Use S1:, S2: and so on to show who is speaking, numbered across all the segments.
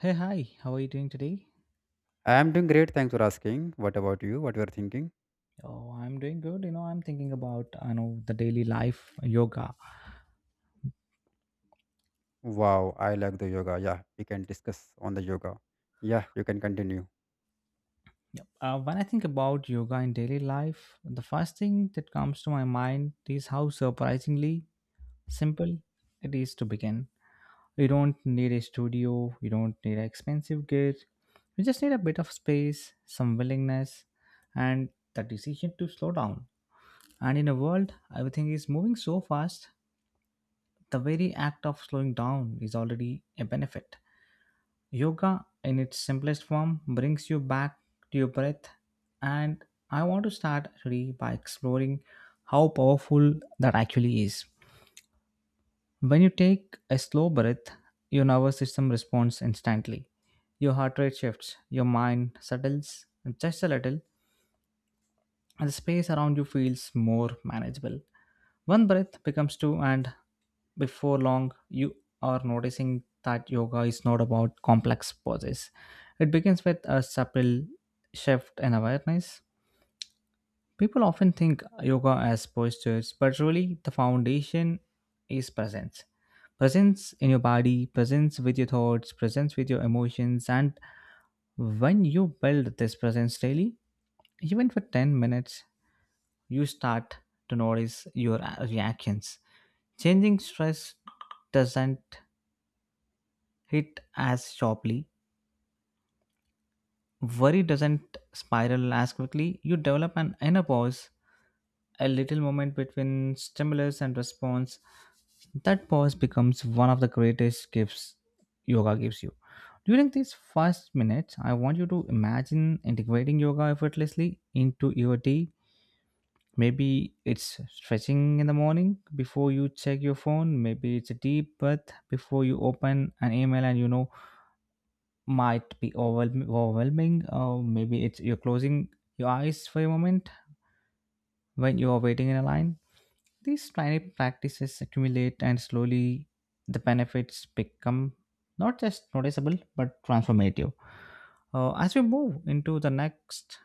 S1: Hey, hi. How are you doing today?
S2: I am doing great. Thanks for asking. What about you? What you are thinking?
S1: Oh, I'm doing good. I'm thinking about, I know, the daily life yoga.
S2: Wow, I like the yoga. Yeah, we can discuss on the yoga. Yeah, you can continue.
S1: When I think about yoga in daily life, the first thing that comes to my mind is how surprisingly simple it is to begin. You don't need a studio, you don't need an expensive gear. You just need a bit of space, some willingness, and the decision to slow down. And in a world, everything is moving so fast, the very act of slowing down is already a benefit. Yoga, in its simplest form, brings you back to your breath, and I want to start today by exploring how powerful that actually is. When you take a slow breath, your nervous system responds instantly. Your heart rate shifts, your mind settles just a little, and the space around you feels more manageable. One breath becomes two, and before long, you are noticing that yoga is not about complex poses. It begins with a subtle shift in awareness. People often think yoga as postures, but really, the foundation is presence. Presence in your body, presence with your thoughts, presence with your emotions, and when you build this presence daily, even for 10 minutes, you start to notice your reactions. Changing stress doesn't hit as sharply, worry doesn't spiral as quickly. You develop an inner pause, a little moment between stimulus and response. That pause becomes one of the greatest gifts yoga gives you. During these first minutes, I want you to imagine integrating yoga effortlessly into your day. Maybe it's stretching in the morning before you check your phone. Maybe it's a deep breath before you open an email and might be overwhelming. Or maybe it's you're closing your eyes for a moment when you are waiting in a line. These tiny practices accumulate, and slowly the benefits become not just noticeable but transformative. As we move into the next,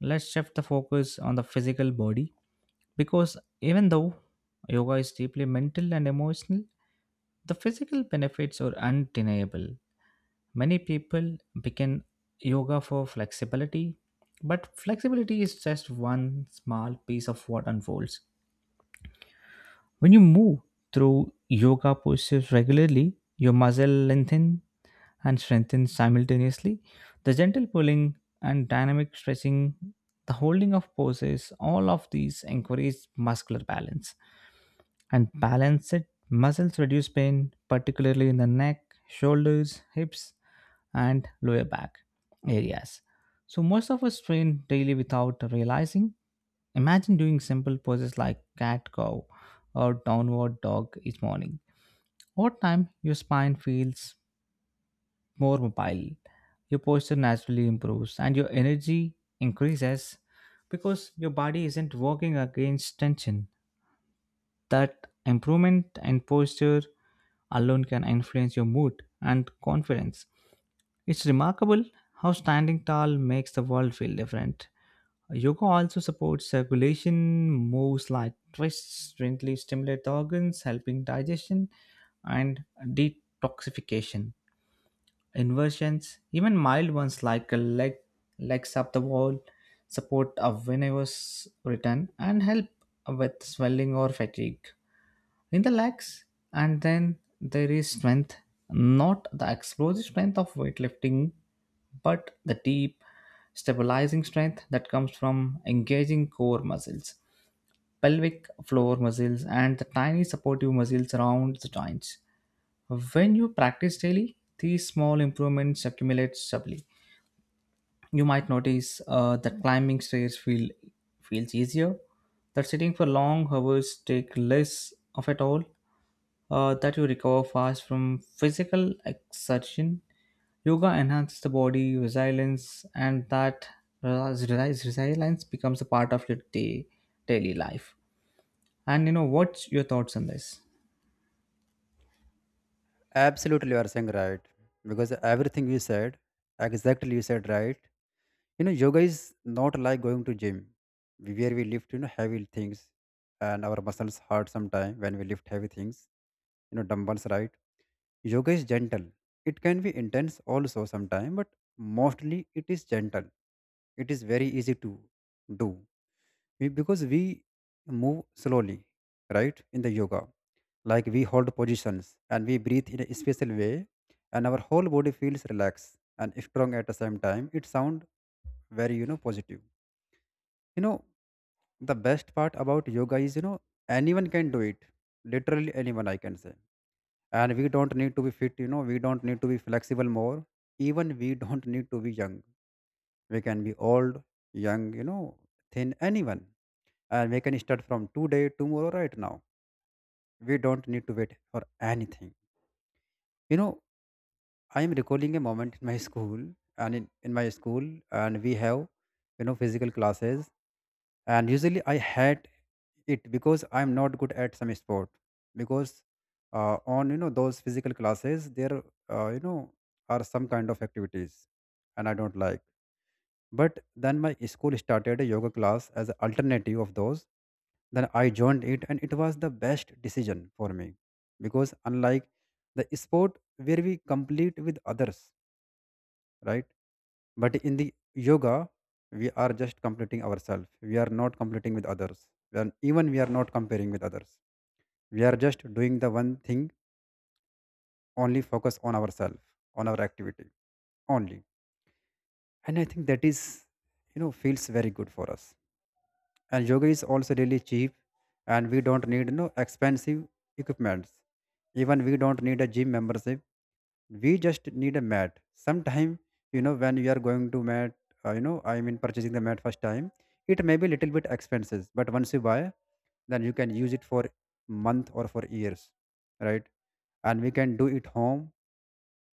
S1: let's shift the focus on the physical body because even though yoga is deeply mental and emotional, the physical benefits are undeniable. Many people begin yoga for flexibility, but flexibility is just one small piece of what unfolds. When you move through yoga postures regularly, your muscle lengthen and strengthen simultaneously. The gentle pulling and dynamic stretching, the holding of poses, all of these encourage muscular balance and balance it. Muscles reduce pain, particularly in the neck, shoulders, hips, and lower back areas. So, most of us train daily without realizing. Imagine doing simple poses like cat cow or downward dog each morning. Over time, your spine feels more mobile, your posture naturally improves, and your energy increases because your body isn't working against tension. That improvement and posture alone can influence your mood and confidence. It's remarkable how standing tall makes the world feel different. Yoga also supports circulation, moves like twists, gently stimulate the organs, helping digestion and detoxification. Inversions, even mild ones like a leg legs up the wall, support a venous return and help with swelling or fatigue in the legs. And then there is strength, not the explosive strength of weightlifting, but the deep stabilizing strength that comes from engaging core muscles, pelvic floor muscles, and the tiny supportive muscles around the joints. When you practice daily, these small improvements accumulate subtly. You might notice that climbing stairs feel feels easier, that sitting for long hours take less of a toll, that you recover fast from physical exertion. Yoga enhances the body resilience, and that resilience becomes a part of your day daily life. And you know what's your thoughts on this?
S2: Absolutely, you are saying right because everything you said, exactly you said right. You know, yoga is not like going to gym where we lift, you know, heavy things, and our muscles hurt sometime when we lift heavy things. You know, dumbbells, right? Yoga is gentle. It can be intense also sometime, but mostly it is gentle. It is very easy to do. Because we move slowly, right, in the yoga. Like we hold positions and we breathe in a special way, and our whole body feels relaxed and strong at the same time. It sounds very, you know, positive. You know, the best part about yoga is, you know, anyone can do it. Literally anyone, I can say. And we don't need to be fit, you know, we don't need to be flexible more. Even we don't need to be young. We can be old, young, you know, thin, anyone. And we can start from today, tomorrow, right now. We don't need to wait for anything, you know. I am recalling a moment in my school. And in my school, and we have, you know, physical classes, and usually I hate it because I'm not good at some sport. Because on, you know, those physical classes there, you know, are some kind of activities, and I don't like. But then my school started a yoga class as an alternative of those. Then I joined it, and it was the best decision for me because unlike the sport where we compete with others, right? But in the yoga, we are just completing ourselves. We are not completing with others. We are, even we are not comparing with others. We are just doing the one thing, only focus on ourselves, on our activity only. And I think that is, you know, feels very good for us. And yoga is also really cheap, and we don't need no expensive equipments. Even we don't need a gym membership. We just need a mat. Sometime, you know, when you are going to mat, you know, I mean purchasing the mat first time, it may be little bit expensive, but once you buy, then you can use it for month or for years, right? And we can do it home,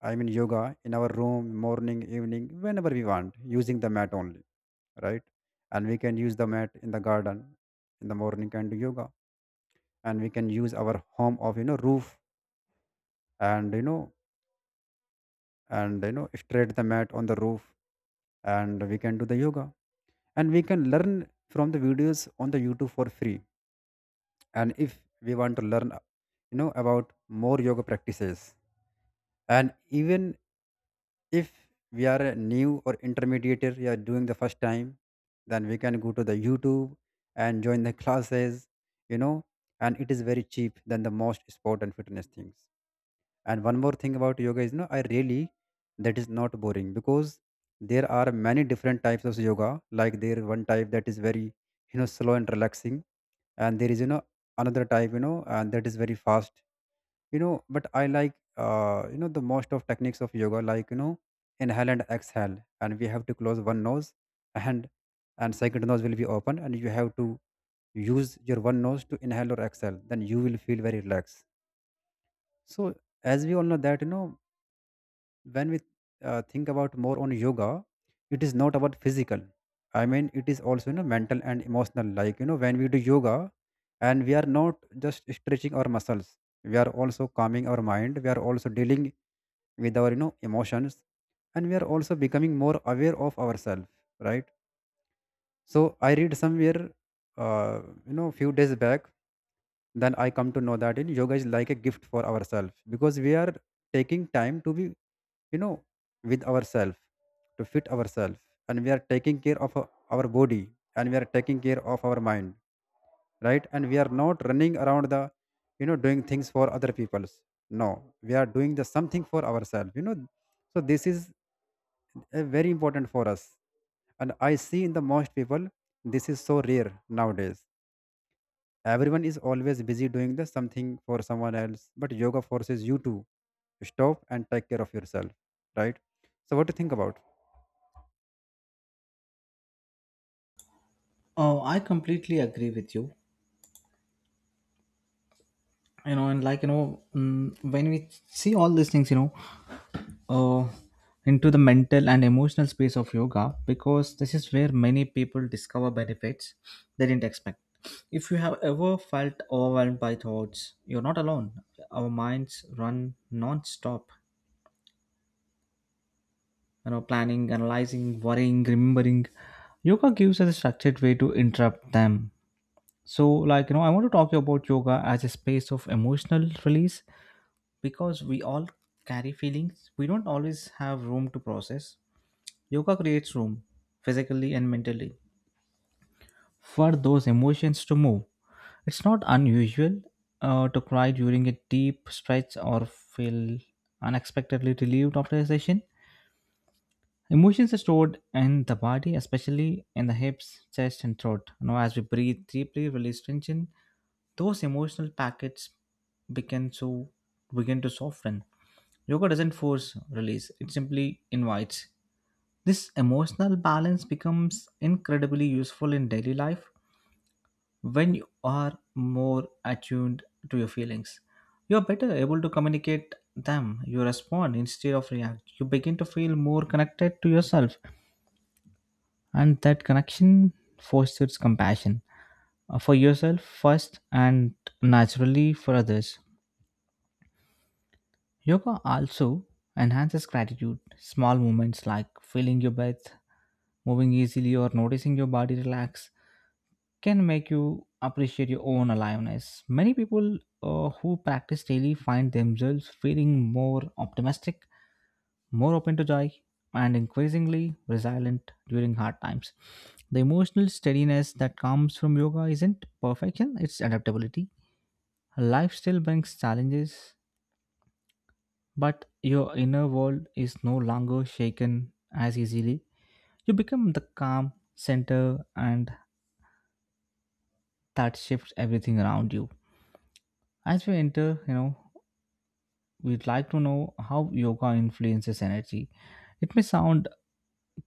S2: I mean yoga in our room, morning, evening, whenever we want, using the mat only, right? And we can use the mat in the garden in the morning and do yoga. And we can use our home of, you know, roof, and, you know, and, you know, straight the mat on the roof, and we can do the yoga. And we can learn from the videos on the YouTube for free. And if we want to learn, you know, about more yoga practices, and even if we are a new or intermediate, or we are doing the first time, then we can go to the YouTube and join the classes, you know. And it is very cheap than the most sport and fitness things. And one more thing about yoga is, no, I really, that is not boring, because there are many different types of yoga. Like there one type that is very, you know, slow and relaxing, and there is, you know, another type, you know, and that is very fast, you know. But I like, you know, the most of techniques of yoga, like, you know, inhale and exhale. And we have to close one nose, and and second nose will be open, and you have to use your one nose to inhale or exhale, then you will feel very relaxed. So, as we all know that, you know, when we think about more on yoga, it is not about physical, I mean it is also, you know, mental and emotional. Like, you know, when we do yoga, and we are not just stretching our muscles, we are also calming our mind, we are also dealing with our, you know, emotions, and we are also becoming more aware of ourselves, right? So I read somewhere, uh, you know, few days back, then I come to know that in yoga is like a gift for ourselves, because we are taking time to be, you know, with ourselves, to fit ourselves, and we are taking care of our body, and we are taking care of our mind, right? And we are not running around the, you know, doing things for other people's. No, we are doing the something for ourselves, you know. So this is, very important for us. And I see in the most people this is so rare nowadays. Everyone is always busy doing the something for someone else, but yoga forces you to stop and take care of yourself, right? So what do you think about?
S1: Oh, I completely agree with you. You know and like you know mm, When we see all these things, uh, into the mental and emotional space of yoga, because this is where many people discover benefits they didn't expect. If you have ever felt overwhelmed by thoughts, you're not alone. Our minds run non-stop, you know, planning, analyzing, worrying, remembering. Yoga gives us a structured way to interrupt them. So, I want to talk about yoga as a space of emotional release because we all carry feelings we don't always have room to process. Yoga creates room, physically and mentally, for those emotions to move. It's not unusual to cry during a deep stretch or feel unexpectedly relieved after a session. Emotions are stored in the body, especially in the hips, chest, and throat. Now, as we breathe deeply, release tension, those emotional packets begin to begin to soften. Yoga doesn't force release; it simply invites. This emotional balance becomes incredibly useful in daily life when you are more attuned to your feelings. You're better able to communicate them. You respond instead of react. You begin to feel more connected to yourself, and that connection fosters compassion, for yourself first and naturally for others. Yoga also enhances gratitude. Small moments like feeling your breath, moving easily, or noticing your body relax can make you appreciate your own aliveness. Many people who practice daily find themselves feeling more optimistic, more open to joy, and increasingly resilient during hard times. The emotional steadiness that comes from yoga isn't perfection, it's adaptability. Life still brings challenges, but your inner world is no longer shaken as easily. You become the calm center, and that shifts everything around you. As we enter, you know, we'd like to know how yoga influences energy. It may sound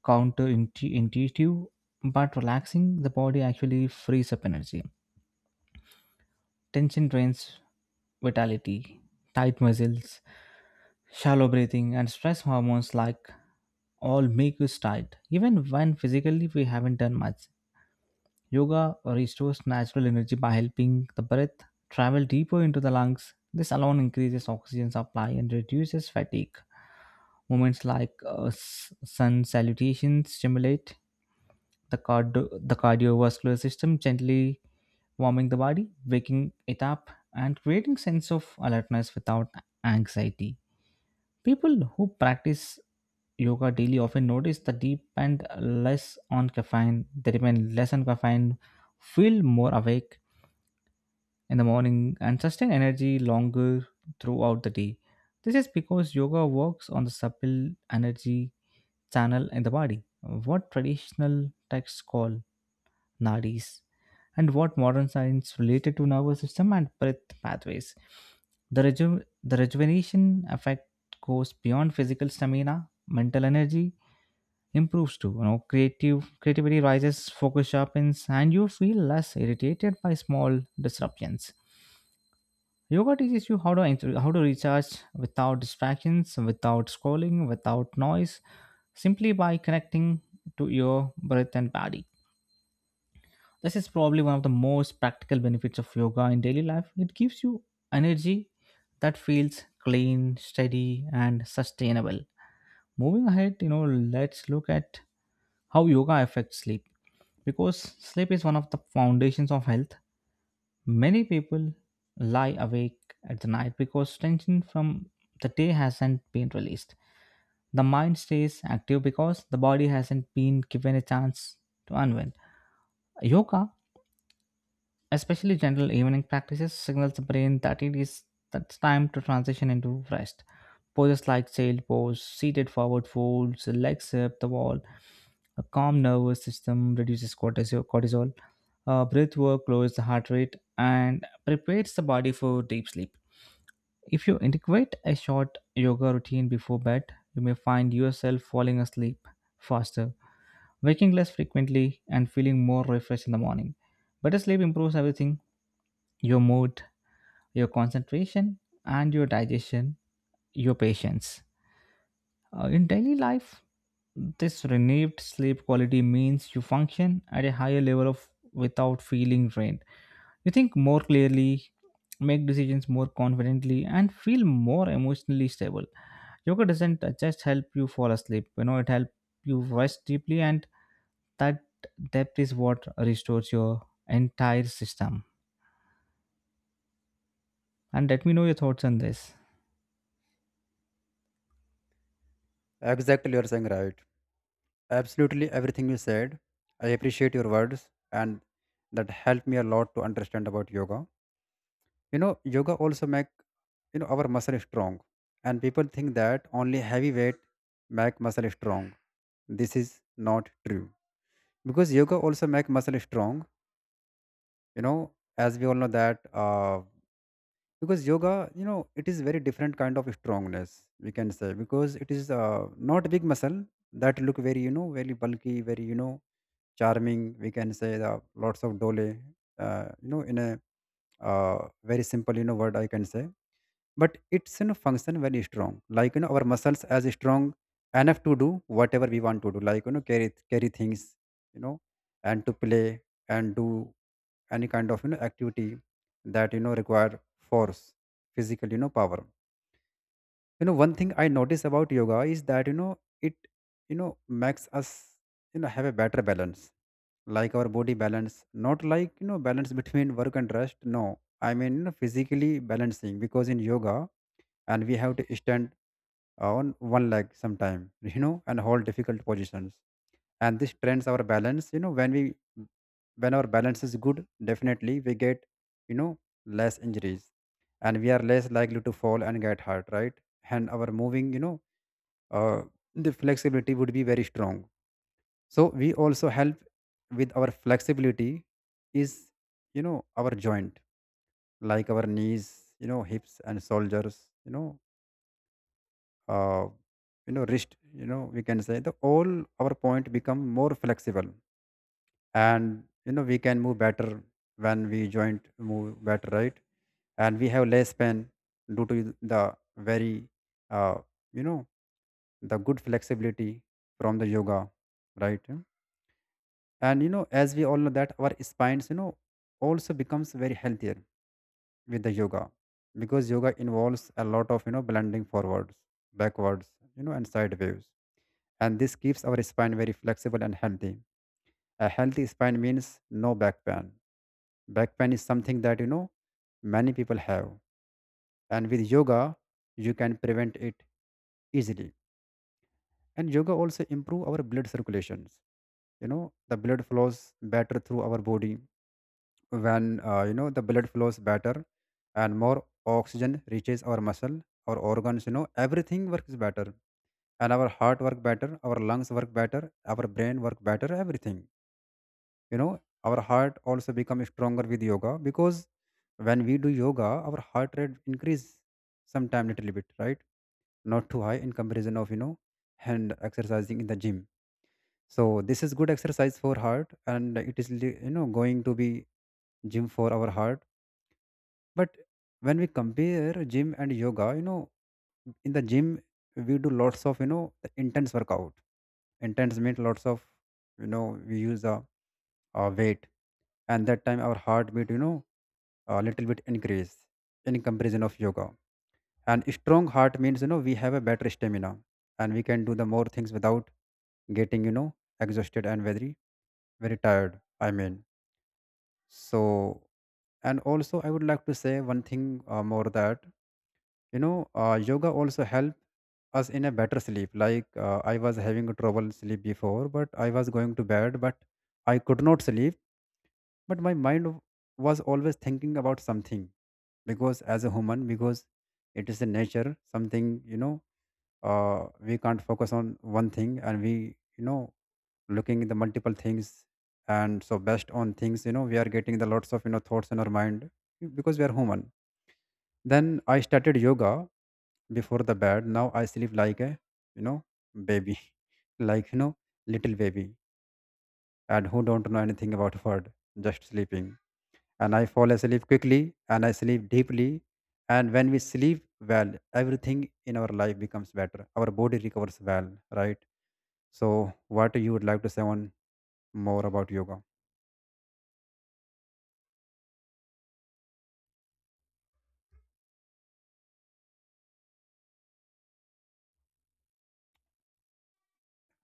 S1: counterintuitive, but relaxing the body actually frees up energy. Tension drains vitality, tight muscles, shallow breathing, and stress hormones like all make us tired, even when physically we haven't done much. Yoga restores natural energy by helping the breath travel deeper into the lungs. This alone increases oxygen supply and reduces fatigue. Movements like sun salutations stimulate the cardiovascular system, gently warming the body, waking it up, and creating sense of alertness without anxiety. People who practice yoga daily often notice the deep and less on caffeine. They depend less on caffeine, feel more awake in the morning, and sustain energy longer throughout the day. This is because yoga works on the subtle energy channel in the body, what traditional texts call nadis, and what modern science related to nervous system and breath pathways. The rejuvenation effect goes beyond physical stamina. Mental energy improves too, you know. Creative Creativity rises, focus sharpens, and you feel less irritated by small disruptions. Yoga teaches you how to how to recharge without distractions, without scrolling, without noise, simply by connecting to your breath and body. This is probably one of the most practical benefits of yoga in daily life. It gives you energy that feels clean, steady, and sustainable. Moving ahead, you know, let's look at how yoga affects sleep because sleep is one of the foundations of health. Many people lie awake at the night because tension from the day hasn't been released. The mind stays active because the body hasn't been given a chance to unwind. Yoga, especially gentle evening practices, signals the brain that it is that's time to transition into rest. Poses like child pose, seated forward folds, legs up the wall. A calm nervous system reduces cortisol. Breath work lowers the heart rate and prepares the body for deep sleep. If you integrate a short yoga routine before bed, you may find yourself falling asleep faster, waking less frequently, and feeling more refreshed in the morning. Better sleep improves everything, your mood, your concentration, and your digestion, your patience. In daily life, this renewed sleep quality means you function at a higher level of without feeling drained. You think more clearly, make decisions more confidently, and feel more emotionally stable. Yoga doesn't just help you fall asleep, you know, it helps you rest deeply, and that depth is what restores your entire system. And let me know your thoughts on this.
S2: Exactly, you are saying right. Absolutely everything you said. I appreciate your words, and that helped me a lot to understand about yoga. You know, yoga also make, you know, our muscle strong. And people think that only heavy weight make muscle strong. This is not true. Because yoga also make muscle strong, you know, as we all know that, because yoga, you know, it is very different kind of strongness, we can say, because it is not big muscle that look very, you know, very bulky, very, you know, charming. We can say the lots of dolly. You know, in a very simple, you know, word I can say, but it's, you know, function very strong. Like, you know, our muscles as strong enough to do whatever we want to do. Like, you know, carry things. You know, and to play and do any kind of, you know, activity that, you know, require force, physical, you know, power. You know, one thing I notice about yoga is that, you know, it, you know, makes us, you know, have a better balance. Like our body balance, not like, you know, balance between work and rest. No, I mean, you know, physically balancing, because in yoga, and we have to stand on one leg sometime you know, and hold difficult positions, and this trends our balance. You know, when we when our balance is good, definitely we get, you know, less injuries, and we are less likely to fall and get hurt, right? And our moving, you know, uh, the flexibility would be very strong. So we also help with our flexibility is, you know, our joint. Like our knees, you know, hips and shoulders, you know, uh, you know, wrist, you know, we can say the all our point become more flexible, and, you know, we can move better. When we joint move better, right, and we have less pain due to the very, uh, you know, the good flexibility from the yoga, right? And, you know, as we all know that our spines, you know, also becomes very healthier with the yoga, because yoga involves a lot of, you know, blending forwards, backwards, you know, and sideways, and this keeps our spine very flexible and healthy. A healthy spine means no back pain. Back pain is something that, you know, many people have, and with yoga you can prevent it easily. And yoga also improve our blood circulations. You know, the blood flows better through our body. When you know, the blood flows better, and more oxygen reaches our muscle, our organs, you know, everything works better. And our heart work better, our lungs work better, our brain work better, everything, you know. Our heart also become stronger with yoga, because when we do yoga, our heart rate increase sometime little bit, right? Not too high in comparison of, you know, hand exercising in the gym. So this is good exercise for heart, and it is you know, going to be gym for our heart. But when we compare gym and yoga, you know, in the gym we do lots of, you know, intense workout. Intense means lots of, you know, we use a, weight, and that time our heartbeat, you know, a little bit increase in comparison of yoga. And strong heart means, you know, we have a better stamina, and we can do the more things without getting, you know, exhausted and very very tired, I mean. So, and also I would like to say one thing more, that, you know, yoga also help us in a better sleep. Like, I was having trouble sleep before, but I was going to bed, but I could not sleep. But my mind was always thinking about something, because as a human, because it is a nature something, you know, we can't focus on one thing, and we, you know, looking at the multiple things, and so based on things, you know, we are getting the lots of, you know, thoughts in our mind, because we are human. Then I started yoga before the bed. Now I sleep like a, you know, baby like, you know, little baby, and who don't know anything about word, just sleeping. And I fall asleep quickly, and I sleep deeply. And when we sleep well, everything in our life becomes better. Our body recovers well, right? So, what you would like to say on more about yoga?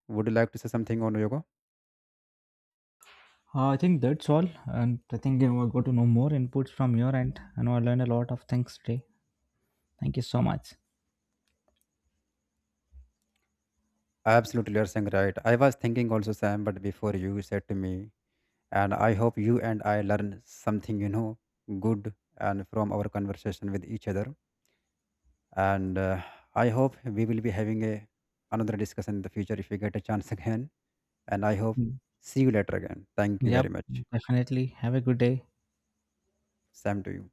S2: Would you like to say something on yoga?
S1: I think that's all, and I think I will go to know more inputs from your end. I know I learned a lot of things today. Thank you so much.
S2: Absolutely, you're saying right. I was thinking also, Sam, but before you said to me, and I hope you and I learn something, you know, good, and from our conversation with each other. And I hope we will be having a another discussion in the future if we get a chance again. And I hope
S1: Mm.
S2: see you later again. Thank you
S1: Yep,
S2: very much.
S1: definitely. Have a good day.
S2: Sam to you.